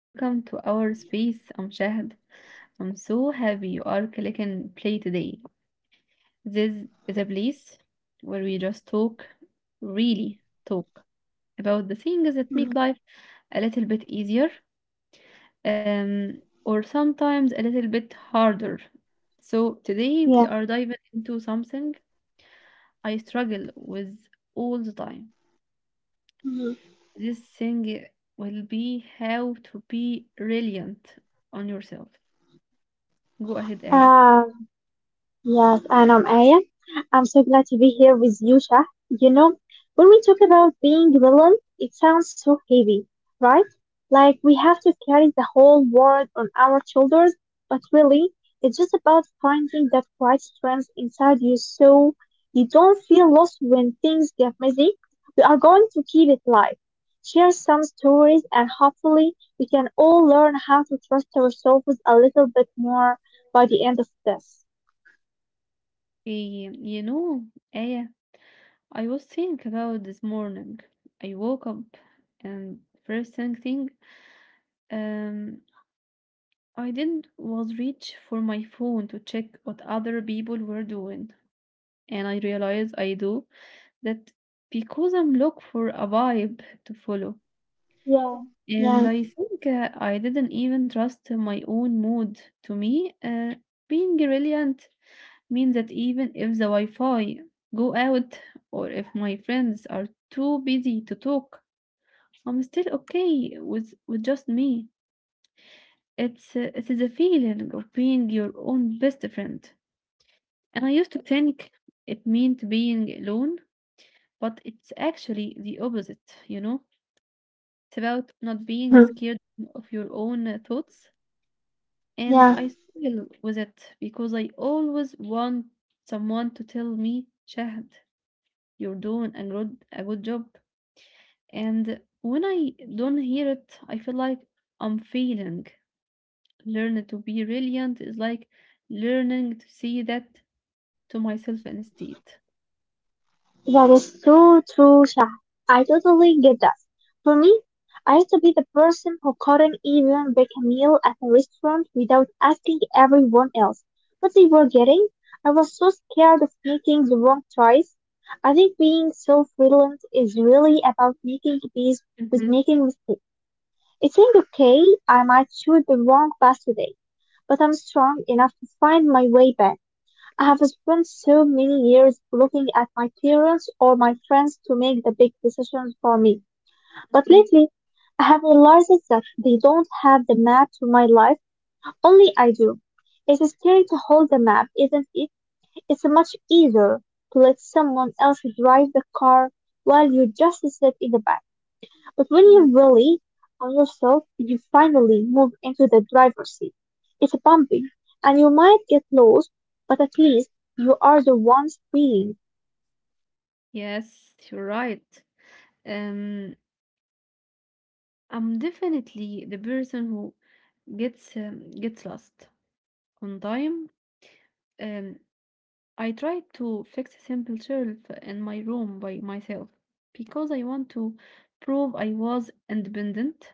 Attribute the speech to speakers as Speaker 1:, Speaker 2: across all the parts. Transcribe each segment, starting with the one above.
Speaker 1: Welcome to our space. I'm Shahad. I'm so happy you are clicking play today. This is a place where we just talk, really talk about the things that make
Speaker 2: Mhm.
Speaker 1: life a little bit easier, or sometimes a little bit harder. So today we
Speaker 2: Yeah.
Speaker 1: are diving into something I struggle with all the time.
Speaker 2: Mhm.
Speaker 1: This thing will be how to be reliant on yourself. Go ahead, Aya.
Speaker 2: Uh, Yes, and I'm Aya. I'm so glad to be here with you, Shah. You know, when we talk about being villain, it sounds so heavy, right? Like we have to carry the whole world on our shoulders, but really, it's just about finding that quiet strength inside you so you don't feel lost when things get messy. We are going to keep it light, share some stories, and hopefully, we can all learn how to trust ourselves a little bit more by the end of this.
Speaker 1: You know, Aya, I was thinking about this morning. I woke up and first thing, um, I did not was reach for my phone to check what other people were doing, and I realized I do that because I'm look for a vibe to follow.
Speaker 2: Yeah,
Speaker 1: And
Speaker 2: yeah.
Speaker 1: I think I didn't even trust my own mood. To me, being brilliant means that even if the Wi-Fi go out or if my friends are too busy to talk, I'm still okay with just me. It's it is a feeling of being your own best friend. And I used to think it meant being alone, but it's actually the opposite, you know? It's about not being
Speaker 2: Hmm.
Speaker 1: scared of your own thoughts. And
Speaker 2: Yeah.
Speaker 1: I struggle with it because I always want someone to tell me, Shahad, you're doing a good job. And when I don't hear it, I feel like I'm failing. Learning to be brilliant is like learning to see that to myself instead.
Speaker 2: That is so true, Shah. I totally get that. For me, I used to be the person who couldn't even pick a meal at a restaurant without asking everyone else what they were getting. I was so scared of making the wrong choice. I think being self-reliant is really about making peace with
Speaker 1: Mhm,
Speaker 2: making mistakes. It's saying, okay, I might choose the wrong path today, but I'm strong enough to find my way back. I have spent so many years looking at my parents or my friends to make the big decisions for me. But
Speaker 1: mhm.
Speaker 2: lately, I have realized that they don't have the map to my life, only I do. It's scary to hold the map, isn't it? It's much easier to let someone else drive the car while you just sit in the back. But when you
Speaker 1: Yes.
Speaker 2: rely on yourself, you finally move into the driver's seat. It's bumpy, and you might get lost, but at least you are the one speeding.
Speaker 1: Yes, you're right. Um, I'm definitely the person who gets lost on time. Um, I tried to fix a simple shelf in my room by myself because I want to prove I was independent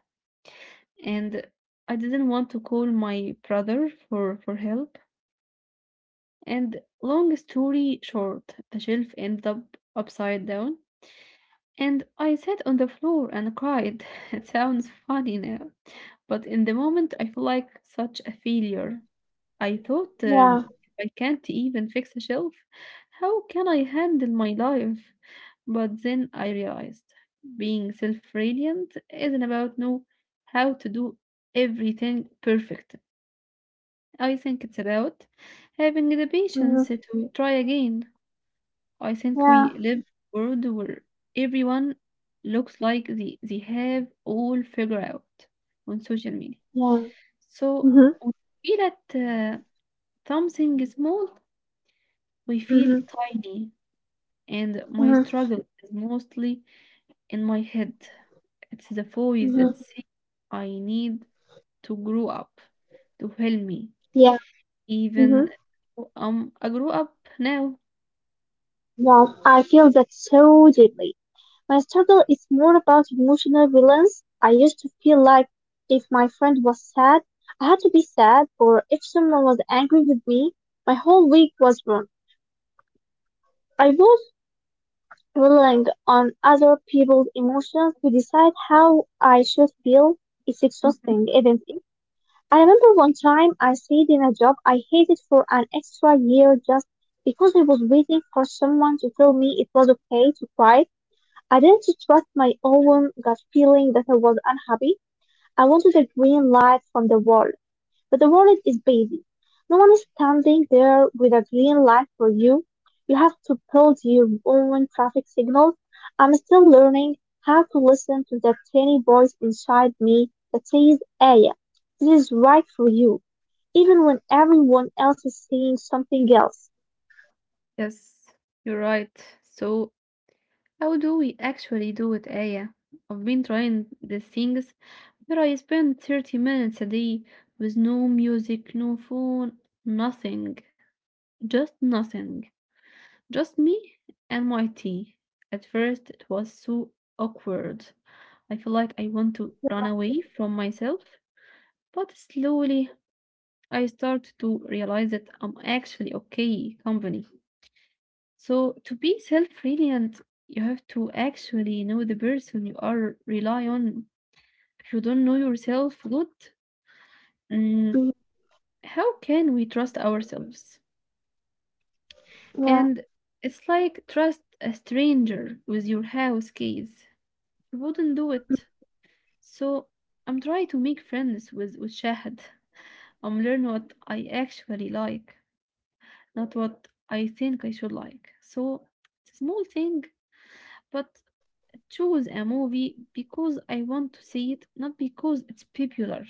Speaker 1: and I didn't want to call my brother for help. And long story short, the shelf ended up upside down and I sat on the floor and cried. It sounds funny now, but in the moment I feel like such a failure. I thought,
Speaker 2: Yeah.
Speaker 1: if I can't even fix a shelf, how can I handle my life? But then I realized being self reliant isn't about know how to do everything perfect. I think it's about having the
Speaker 2: Hmm.
Speaker 1: patience to try again. I think
Speaker 2: Yeah,
Speaker 1: we live in a world where everyone looks like they have all figured out on social media.
Speaker 2: yeah.
Speaker 1: So
Speaker 2: Hmm.
Speaker 1: when you feel that something is small I feel
Speaker 2: Hmm.
Speaker 1: tiny, and my
Speaker 2: Hmm.
Speaker 1: struggle is mostly in my head. It's the voice that
Speaker 2: Hmm.
Speaker 1: says I need to grow up to help me,
Speaker 2: Yeah. Hmm.
Speaker 1: even though I grew up now.
Speaker 2: Yes, I feel that so deeply. My struggle is more about emotional balance. I used to feel like if my friend was sad, I had to be sad, or if someone was angry with me, my whole week was wrong. I was relying on other people's emotions to decide how I should feel is
Speaker 1: Mhm.
Speaker 2: exhausting, isn't it? I remember one time I stayed in a job I hated for an extra year just because I was waiting for someone to tell me it was okay to cry. I didn't trust my own gut feeling that I was unhappy. I wanted a green light from the world. But the world is busy. No one is standing there with a green light for you. You have to build your own traffic signals. I'm still learning how to listen to that tiny voice inside me that says, Aya, this is right for you, even when everyone else is saying something else.
Speaker 1: Yes, you're right. So, how do we actually do it, Aya? I've been trying these things where I spend 30 minutes a day with no music, no phone, nothing, just nothing. Just me and my tea. At first, it was so awkward. I feel like I want to
Speaker 2: Yeah.
Speaker 1: run away from myself, but slowly I start to realize that I'm actually okay company. So, to be self reliant, you have to actually know the person you are rely on. If you don't know yourself good, mm,
Speaker 2: Mm.
Speaker 1: how can we trust ourselves?
Speaker 2: Yeah.
Speaker 1: And it's like trust a stranger with your house keys. You wouldn't do it.
Speaker 2: Mm.
Speaker 1: So I'm trying to make friends with Shahid. I'm learning what I actually like, not what I think I should like. So it's a small thing, but I choose a movie because I want to see it, not because it's popular.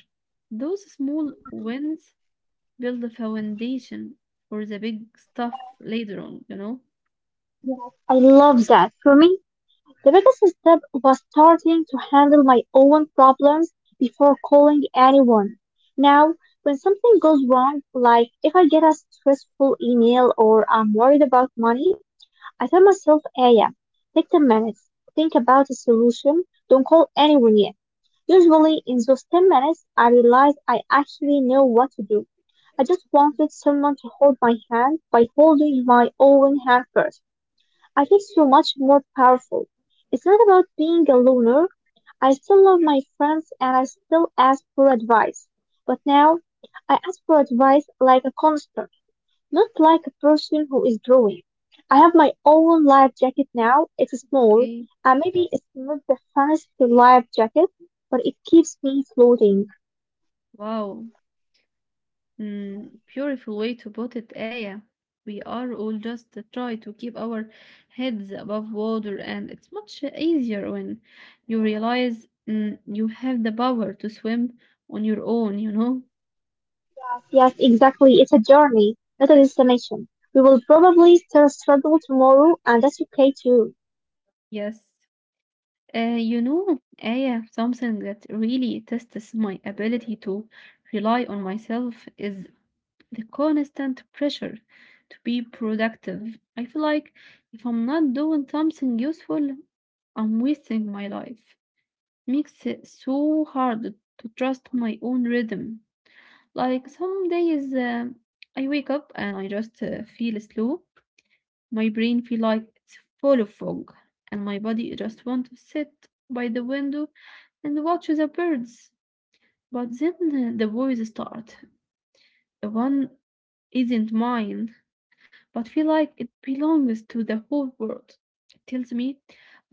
Speaker 1: Those small
Speaker 2: Mhm.
Speaker 1: wins build the foundation for the big
Speaker 2: Yeah.
Speaker 1: stuff later on, you know?
Speaker 2: Yes, I love that. For me, the biggest step was starting to handle my own problems before calling anyone. Now, when something goes wrong, like if I get a stressful email or I'm worried about money, I tell myself, Aya, take 10 minutes, think about a solution, don't call anyone yet. Usually, in those 10 minutes, I realize I actually know what to do. I just wanted someone to hold my hand by holding my own hand first. I feel so much more powerful. It's not about being a loner. I still love my friends and I still ask for advice. But now, I ask for advice like a counselor, not like a person who is drawing. I have my own life jacket now. It's small,
Speaker 1: Okay.
Speaker 2: and maybe it's not the fancy life jacket, but it keeps me floating.
Speaker 1: Wow, Mm, beautiful way to put it, Aya. We are all just try to keep our heads above water, and it's much easier when you realize mm, you have the power to swim on your own, you know?
Speaker 2: Yes, exactly. It's a journey, not a destination. We will probably still struggle tomorrow, and that's okay too.
Speaker 1: Yes. You know, Aya, something that really tests my ability to rely on myself is the constant pressure to be productive. I feel like if I'm not doing something useful, I'm wasting my life. Makes it so hard to trust my own rhythm. Like some days I wake up and I just feel slow. My brain feel like it's full of fog, and my body just want to sit by the window and watch the birds. But then the voice start. The one isn't mine but feel like it belongs to the whole world. It tells me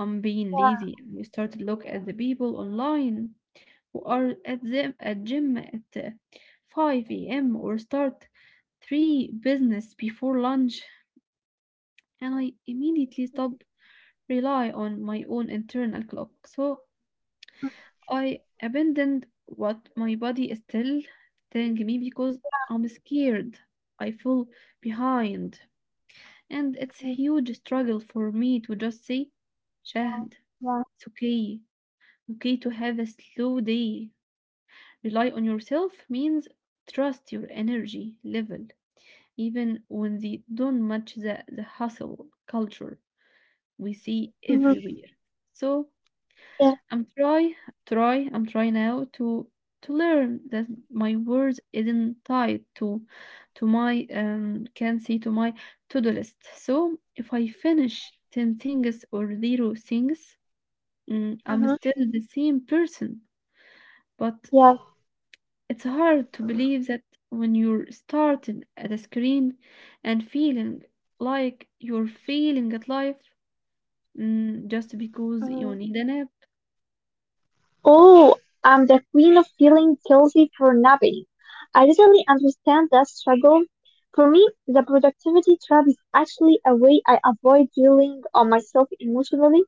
Speaker 1: I'm being
Speaker 2: Yeah,
Speaker 1: lazy. And I start to look at the people online who are at the at gym at 5 a.m. or start three business before lunch, and I immediately stop rely on my own internal clock. So I abandoned what my body is still telling me because
Speaker 2: yeah.
Speaker 1: I'm scared. I feel behind. And it's a
Speaker 2: Mhm.
Speaker 1: huge struggle for me to just say,
Speaker 2: Yeah.
Speaker 1: Shahd,
Speaker 2: Yeah.
Speaker 1: it's okay. Okay to have a slow day. Rely on yourself means trust your energy level, even when they don't match the hustle culture we see
Speaker 2: Hmm.
Speaker 1: everywhere. So
Speaker 2: Yeah.
Speaker 1: I'm try I'm trying now to learn that my words isn't tied to my
Speaker 2: Mm-hmm.
Speaker 1: can see to my to-do list. So if I finish 10 things or zero things, mm, I'm
Speaker 2: Mm-hmm.
Speaker 1: still the same person. But
Speaker 2: Yeah.
Speaker 1: it's hard to believe that when you're starting at a screen and feeling like you're failing at life mm, just because you
Speaker 2: Mhm.
Speaker 1: need an app.
Speaker 2: Oh, I'm the queen of feeling guilty for napping. I totally understand that struggle. For me, the productivity trap is actually a way I avoid dealing on myself emotionally.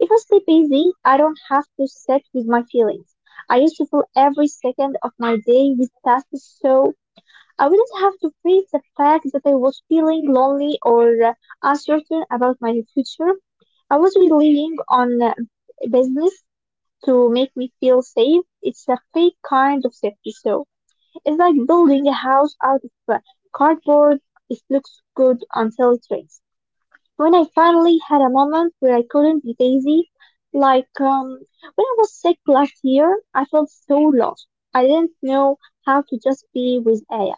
Speaker 2: If I stay busy, I don't have to sit with my feelings. I used to fill every second of my day with tasks so I wouldn't have to face the fact that I was feeling lonely or uncertain about my future. I was relying on business to make me feel safe. It's a fake kind of safety. So it's like building a house out of cardboard. It looks good until it rains. When I finally had a moment where I couldn't be lazy, like when I was sick last year, I felt so lost. I didn't know how to just be with Aya.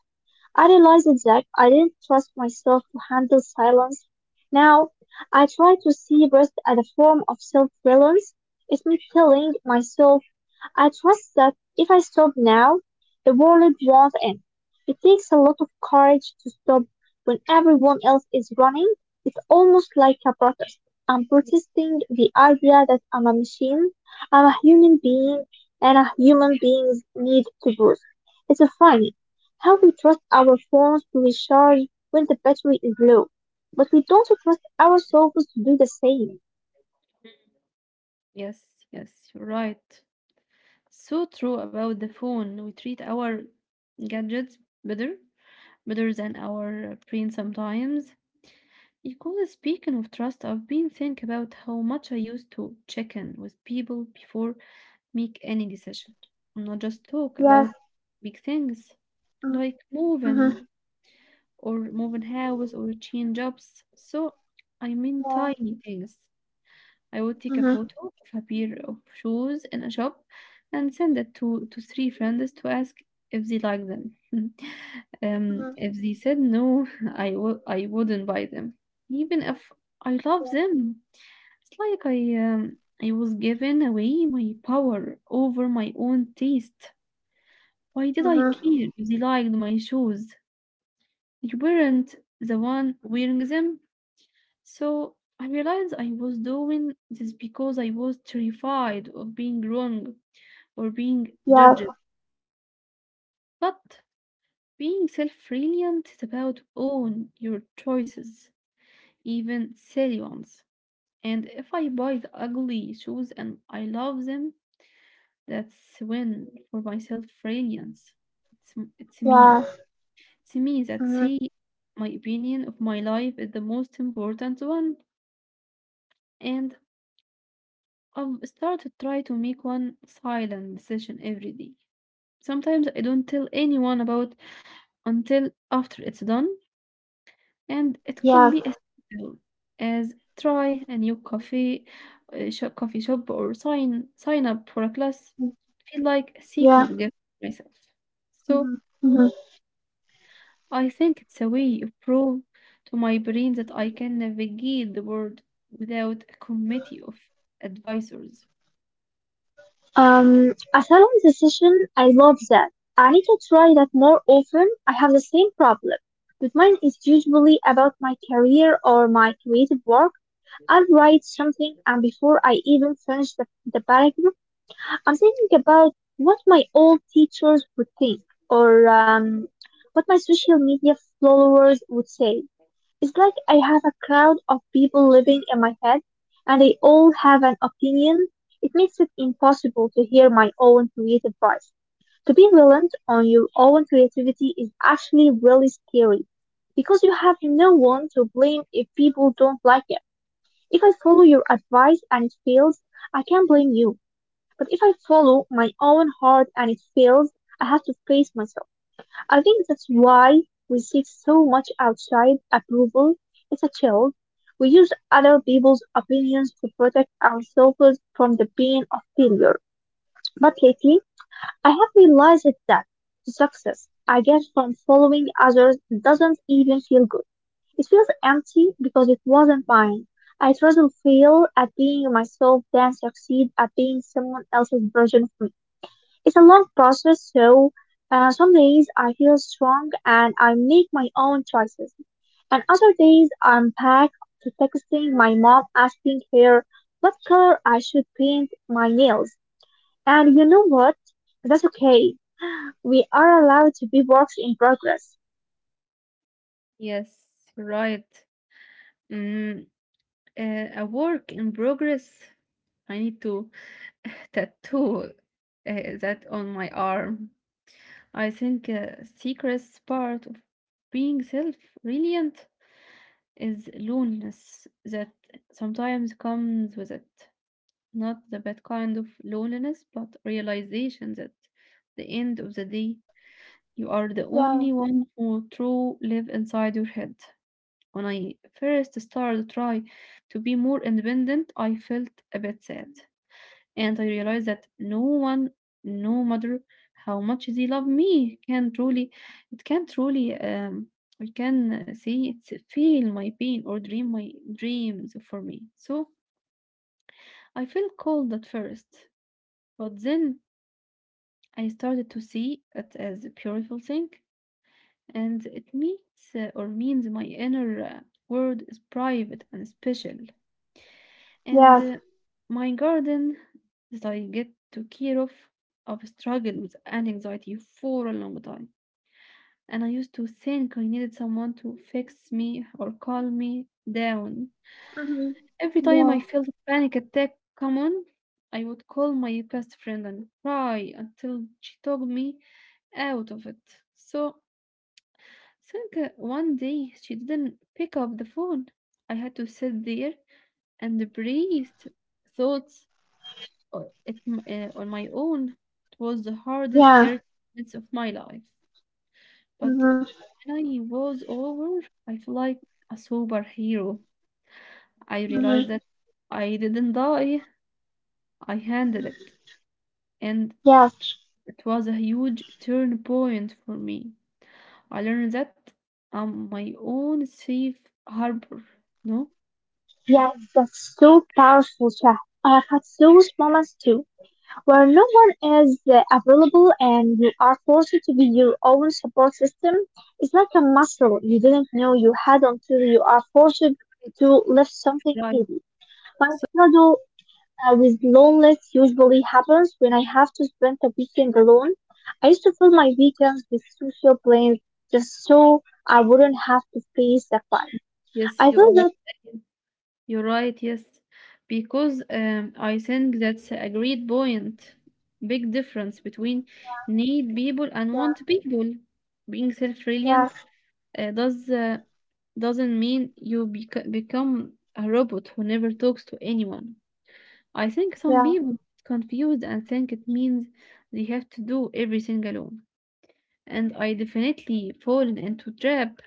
Speaker 2: I realized that I didn't trust myself to handle silence. Now, I try to see rest as a form of self-reliance. It's me telling myself I trust that if I stop now, the world won't end. It takes a lot of courage to stop when everyone else is running. It's almost like a protest. I'm protesting the idea that I'm a machine, I'm a human being, and a human beings need to breathe. It's funny how we trust our phones to recharge when the battery is low, but we don't trust ourselves to do the same.
Speaker 1: Yes, yes, you're right. So true about the phone. We treat our gadgets better, better than our brain sometimes. Because speaking of trust, I've been thinking about how much I used to check in with people before make any decision. Not just talk about
Speaker 2: Yes.
Speaker 1: big things like
Speaker 2: Mm-hmm.
Speaker 1: moving
Speaker 2: Mm-hmm.
Speaker 1: or moving house or change jobs. So I mean
Speaker 2: Yeah.
Speaker 1: tiny things. I would take a
Speaker 2: Mm-hmm.
Speaker 1: photo of a pair of shoes in a shop and send it to three friends to ask if they like them.
Speaker 2: Mm-hmm.
Speaker 1: If they said no, I wouldn't buy them, even if I love them. It's like I was giving away my power over my own taste. Why did I
Speaker 2: Mm-hmm.
Speaker 1: care if they liked my shoes? You weren't the one wearing them. So I realized I was doing this because I was terrified of being wrong or being
Speaker 2: Yes,
Speaker 1: judged. But being self reliant is about own your choices, even silly ones. And if I buy the ugly shoes and I love them, that's when for my self reliance. It's me.
Speaker 2: yes.
Speaker 1: It's me that
Speaker 2: Mhm.
Speaker 1: see my opinion of my life is the most important one. And start to try to make one silent decision every day. Sometimes I don't tell anyone about until after it's done, and it could
Speaker 2: Yes.
Speaker 1: be as simple as try a new coffee shop, or sign up for a class.
Speaker 2: Mm.
Speaker 1: Feel like a
Speaker 2: Yeah.
Speaker 1: secret gift to myself. So
Speaker 2: Mhm. Mhm.
Speaker 1: I think it's a way of prove to my brain that I can navigate the world without a committee of advisors.
Speaker 2: Asylum decision, I love that. I need to try that more often. I have the same problem, but mine is usually about my career or my creative work. I'll write something, and before I even finish the paragraph, I'm thinking about what my old teachers would think or what my social media followers would say. It's like I have a crowd of people living in my head, and they all have an opinion. It makes it impossible to hear my own creative voice. To be reliant on your own creativity is actually really scary because you have no one to blame if people don't like it. If I follow your advice and it fails, I can't blame you. But if I follow my own heart and it fails, I have to face myself. I think that's why we seek so much outside approval. It's a chill. We use other people's opinions to protect ourselves from the pain of failure. But lately, I have realized that the success I get from following others doesn't even feel good. It feels empty because it wasn't mine. I'd rather fail at being myself than succeed at being someone else's version of me. It's a long process, so some days I feel strong and I make my own choices, and other days I'm back to texting my mom asking her what color I should paint my nails. And you know what? That's okay. We are allowed to be works in progress.
Speaker 1: Yes, you're right. Mm, a work in progress. I need to tattoo that on my arm. I think a secret part of being self-reliant is loneliness that sometimes comes with it. Not the bad kind of loneliness, but realization that the end of the day you are the
Speaker 2: Yeah.
Speaker 1: only one who true live inside your head. When I first started to try to be more independent, I felt a bit sad. And I realized that no one, no matter how much they love me, can truly, I can say it's feel my pain or dream my dreams for me. So I felt cold at first, but then I started to see it as a beautiful thing, and it means or means my inner world is private and special. And
Speaker 2: Yes.
Speaker 1: my garden that I get to care of, I've struggled with an anxiety for a long time. And I used to think I needed someone to fix me or calm me down.
Speaker 2: Hmm.
Speaker 1: Every time I
Speaker 2: Yeah,
Speaker 1: felt a panic attack come on, I would call my best friend and cry until she talked me out of it. So I think one day she didn't pick up the phone. I had to sit there and breathe thoughts Uh, it, on my own, it was the hardest
Speaker 2: yeah.
Speaker 1: 30 minutes of my life. But
Speaker 2: Hmm.
Speaker 1: when I was over, I felt like a superhero. I
Speaker 2: Hmm.
Speaker 1: realized that I didn't die, I handled it. And
Speaker 2: Yes,
Speaker 1: it was a huge turn point for me. I learned that I'm my own safe harbor. No?
Speaker 2: yes, that's so powerful, Shah. I have had those moments too, where no one is available and you are forced to be your own support system. It's like a muscle you didn't know you had until you are forced to
Speaker 1: Right.
Speaker 2: lift something
Speaker 1: Right.
Speaker 2: heavy. My struggle with loneliness usually happens when I have to spend a weekend alone. I used to fill my weekends with social plans just so I wouldn't have to face the fun.
Speaker 1: Yes,
Speaker 2: I
Speaker 1: you
Speaker 2: feel
Speaker 1: are
Speaker 2: that.
Speaker 1: right. You're right, yes. Because I think that's a great point. Big difference between need people and
Speaker 2: Yeah,
Speaker 1: want people. Being
Speaker 2: yeah,
Speaker 1: self-reliant uh, does uh, doesn't mean you become a robot who never talks to anyone. I think some
Speaker 2: yeah,
Speaker 1: people get confused and think it means they have to do everything alone. And I definitely fallen into trap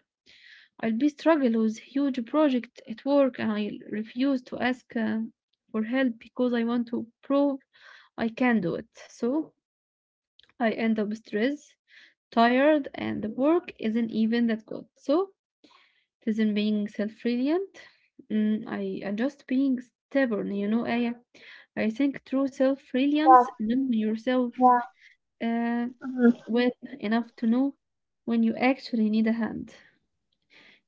Speaker 1: I'll be struggle with huge project at work and I refuse to ask for help because I want to prove I can do it. So I end up stressed, tired, and the work isn't even that good. So it isn't being self-reliant. I am just being stubborn, you know, Aya. I think true
Speaker 2: yeah,
Speaker 1: self-reliance, knowing yourself
Speaker 2: yeah.
Speaker 1: uh,
Speaker 2: Mhm,
Speaker 1: well enough to know when you actually need a hand.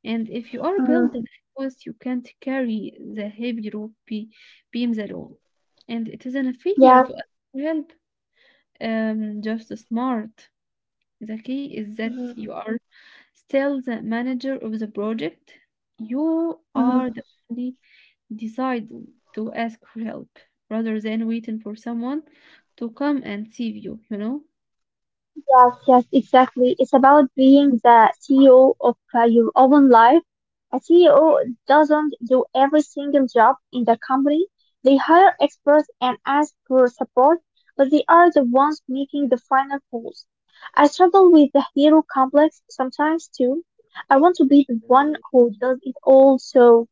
Speaker 1: And if you are
Speaker 2: mhm.
Speaker 1: building fast, you can't carry the heavy beams alone. And it isn't a failure
Speaker 2: Yeah.
Speaker 1: to ask for help, just smart. The key is that you
Speaker 2: Mhm,
Speaker 1: are still the manager of the project. You
Speaker 2: mhm.
Speaker 1: are the only decide to ask for help rather than waiting for someone to come and save you, you know?
Speaker 2: Yes, yes, exactly. It's about being the CEO of your own life. A CEO doesn't do every single job in the company. They hire experts and ask for support, but they are the ones making the final calls. I struggle with the hero complex sometimes too. I want to be the one who does it all, so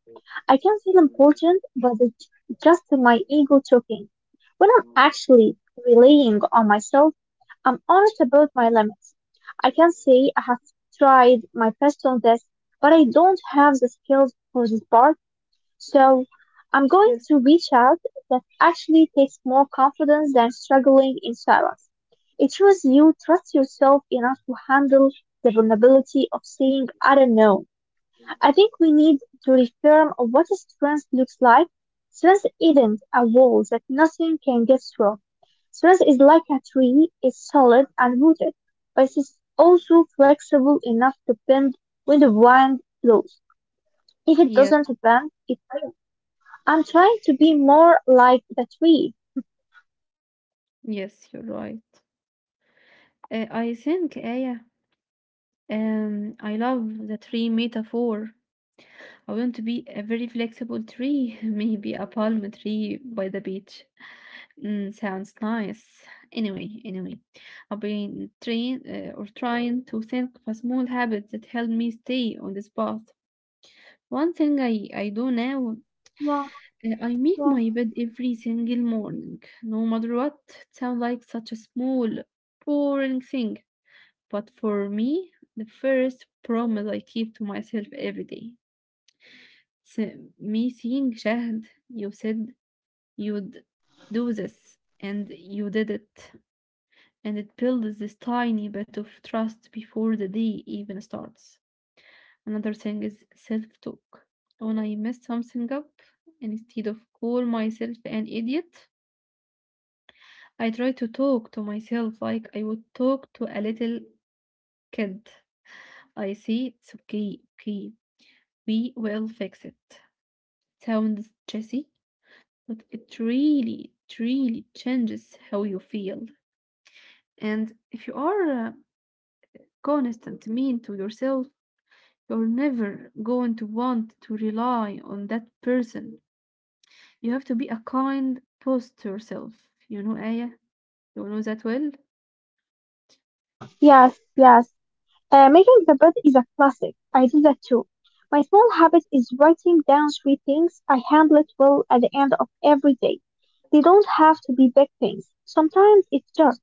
Speaker 2: I can feel important, but it's just my ego talking. When I'm actually relying on myself, I'm honest about my limits. I can say I have tried my best on this, but I don't have the skills for this part, so I'm going
Speaker 1: Yes.
Speaker 2: to reach out that actually takes more confidence than struggling in silence. It shows you trust yourself enough to handle the vulnerability of saying, I don't know. I think we need to reframe what strength looks like. Strength isn't a wall that nothing can get through. Strength is like a tree, it's solid and rooted, but it's also flexible enough to bend when the wind blows. If it
Speaker 1: Yeah,
Speaker 2: doesn't bend, it will. I'm trying to be more like the tree.
Speaker 1: yes, you're right. I think, Aya, I love the tree metaphor. I want to be a very flexible tree, maybe a palm tree by the beach. Mm, sounds nice. Anyway, I've been trained or trying to think of a small habit that helped me stay on this path. One thing I do now,
Speaker 2: Yeah,
Speaker 1: I make
Speaker 2: yeah.
Speaker 1: my bed every single morning, no matter what. It sounds like such a small, boring thing, but for me, the first promise I keep to myself every day. S Missing شهد you said you'd do this, and you did it, and it builds this tiny bit of trust before the day even starts. Another thing is self-talk. When I mess something up, instead of call myself an idiot, I try to talk to myself like I would talk to a little kid. I say it's okay, okay, we will fix it. Sounds cheesy, like it really changes how you feel. And if you are honest and mean to yourself, you're never going to want to rely on that person. You have to be a kind boss to yourself. You know, Aya, you know that well.
Speaker 2: Yes, yes. Making the bed is a classic. I do that too. My small habit is writing down three things I handled well at the end of every day. They don't have to be big things. Sometimes it's just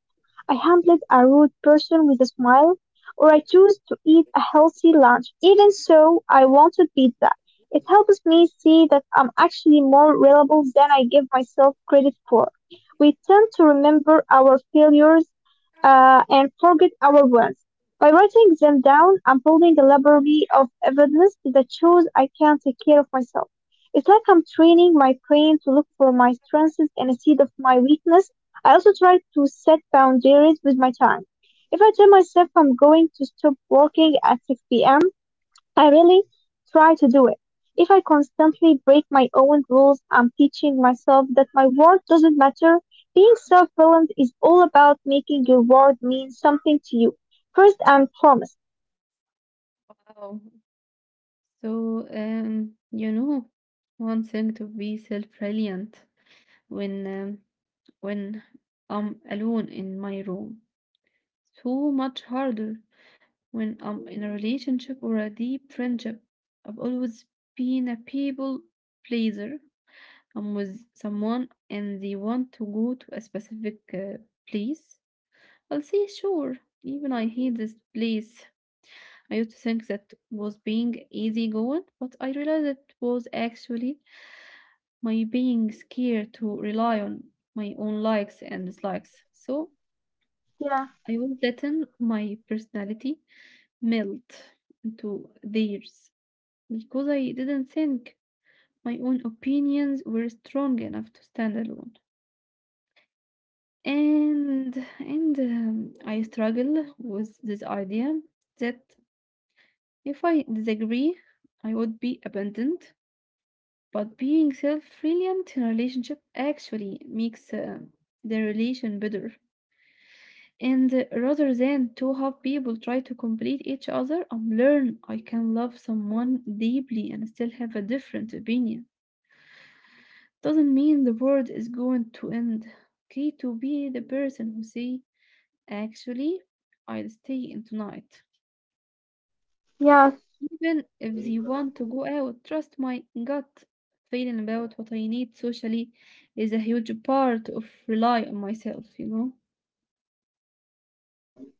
Speaker 2: I handled a rude person with a smile, or I chose to eat a healthy lunch. Even so, I wanted pizza. It helps me see that I'm actually more reliable than I give myself credit for. We tend to remember our failures and forget our wins. By writing them down, I'm building a library of evidence that shows I can take care of myself. It's like I'm training my brain to look for my strengths instead of my weakness. I also try to set boundaries with my time. If I tell myself I'm going to stop working at 6 p.m., I really try to do it. If I constantly break my own rules, I'm teaching myself that my word doesn't matter. Being self reliant is all about making your word mean something to you. First and foremost.
Speaker 1: Wow. So, one thing to be self-reliant when when I'm alone in my room. So much harder when I'm in a relationship or a deep friendship. I've always been a people pleaser. I'm with someone and they want to go to a specific place. I'll say sure, even I hate this place. I used to think that was being easygoing, but I realized it was actually my being scared to rely on my own likes and dislikes. So
Speaker 2: Yeah.
Speaker 1: I was letting my personality melt into theirs because I didn't think my own opinions were strong enough to stand alone. And I struggle with this idea that if I disagree, I would be abandoned. But being self-reliant in a relationship actually makes the relation better. And rather than to have people try to complete each other and learn, I can love someone deeply and still have a different opinion. Doesn't mean the world is going to end. Okay, to be the person who say, actually, I'll stay in tonight.
Speaker 2: Yeah.
Speaker 1: Even if they want to go out, trust my gut feeling about what I need socially is a huge part of rely on myself, you know?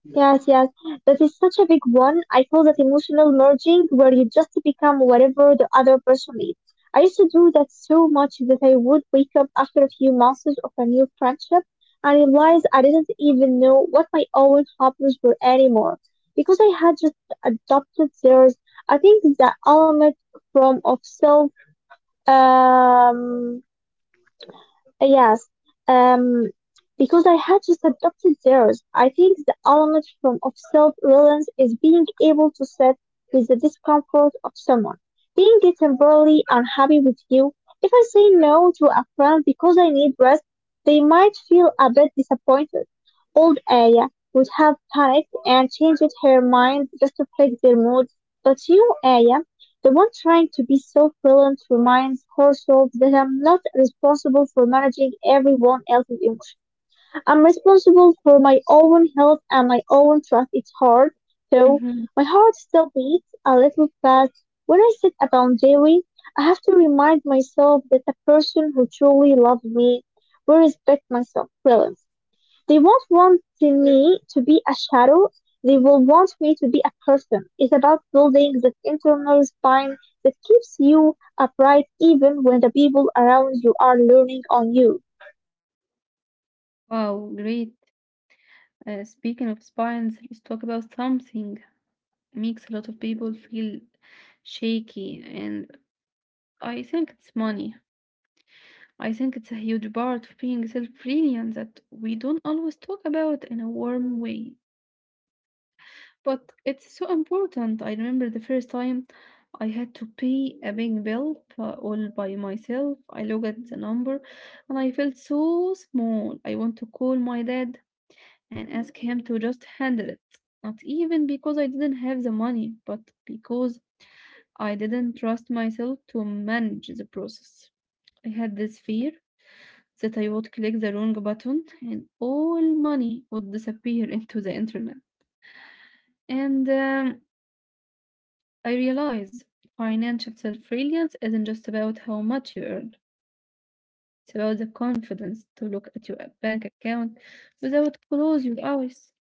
Speaker 2: Yes, yes. That is such a big one. I call that emotional merging, where you just become whatever the other person is. I used to do that so much that I would wake up after a few months of a new friendship and realize I didn't even know what my own hobbies were anymore because I had just adopted theirs. I think that element from of self. um Yes. um, because I had just adopted theirs. I think the element from of self-reliance is being able to sit with the discomfort of someone, being temporarily unhappy with you. If I say no to a friend because I need rest, they might feel a bit disappointed. Old Aya would have panicked and changed her mind just to fix their mood. But you, Aya, the one trying to be self-reliant reminds herself that I'm not responsible for managing everyone else's emotions. I'm responsible for my own health and my own trust. It's hard, though.
Speaker 1: Mhm.
Speaker 2: My heart still beats a little fast when I sit a boundary. I have to remind myself that the person who truly loves me will respect my self-reliance. They won't want me to be a shadow, they will want me to be a person. It's about building that internal spine that keeps you upright even when the people around you are learning on you.
Speaker 1: Wow, great. Speaking of spines, let's talk about something makes a lot of people feel shaky, and I think it's money. I think it's a huge part of being self-reliant that we don't always talk about in a warm way. But it's so important. I remember the first time I had to pay a big bill for all by myself. I looked at the number and I felt so small. I want to call my dad and ask him to just handle it. Not even because I didn't have the money, but because I didn't trust myself to manage the process. I had this fear that I would click the wrong button and all money would disappear into the internet. And I realize financial brilliance isn't just about how much you earn. It's about the confidence to look at your bank account without close your eyes.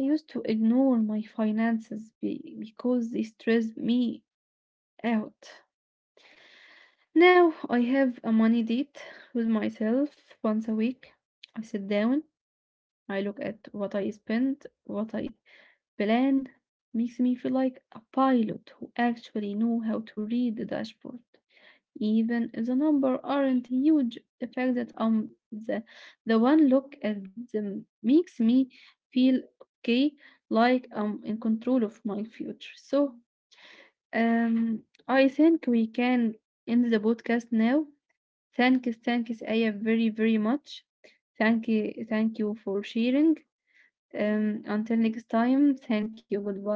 Speaker 1: I used to ignore my finances because they stressed me out. Now I have a money date with myself once a week. I sit down, I look at what I spend, what I plan. Makes me feel like a pilot who actually know how to read the dashboard. Even if the number aren't huge, the fact that the one look at them makes me feel okay, like I'm in control of my future. So I think we can end the podcast now. Thank you, Aya, very, very much. Thank you for sharing. Until next time, thank you, goodbye.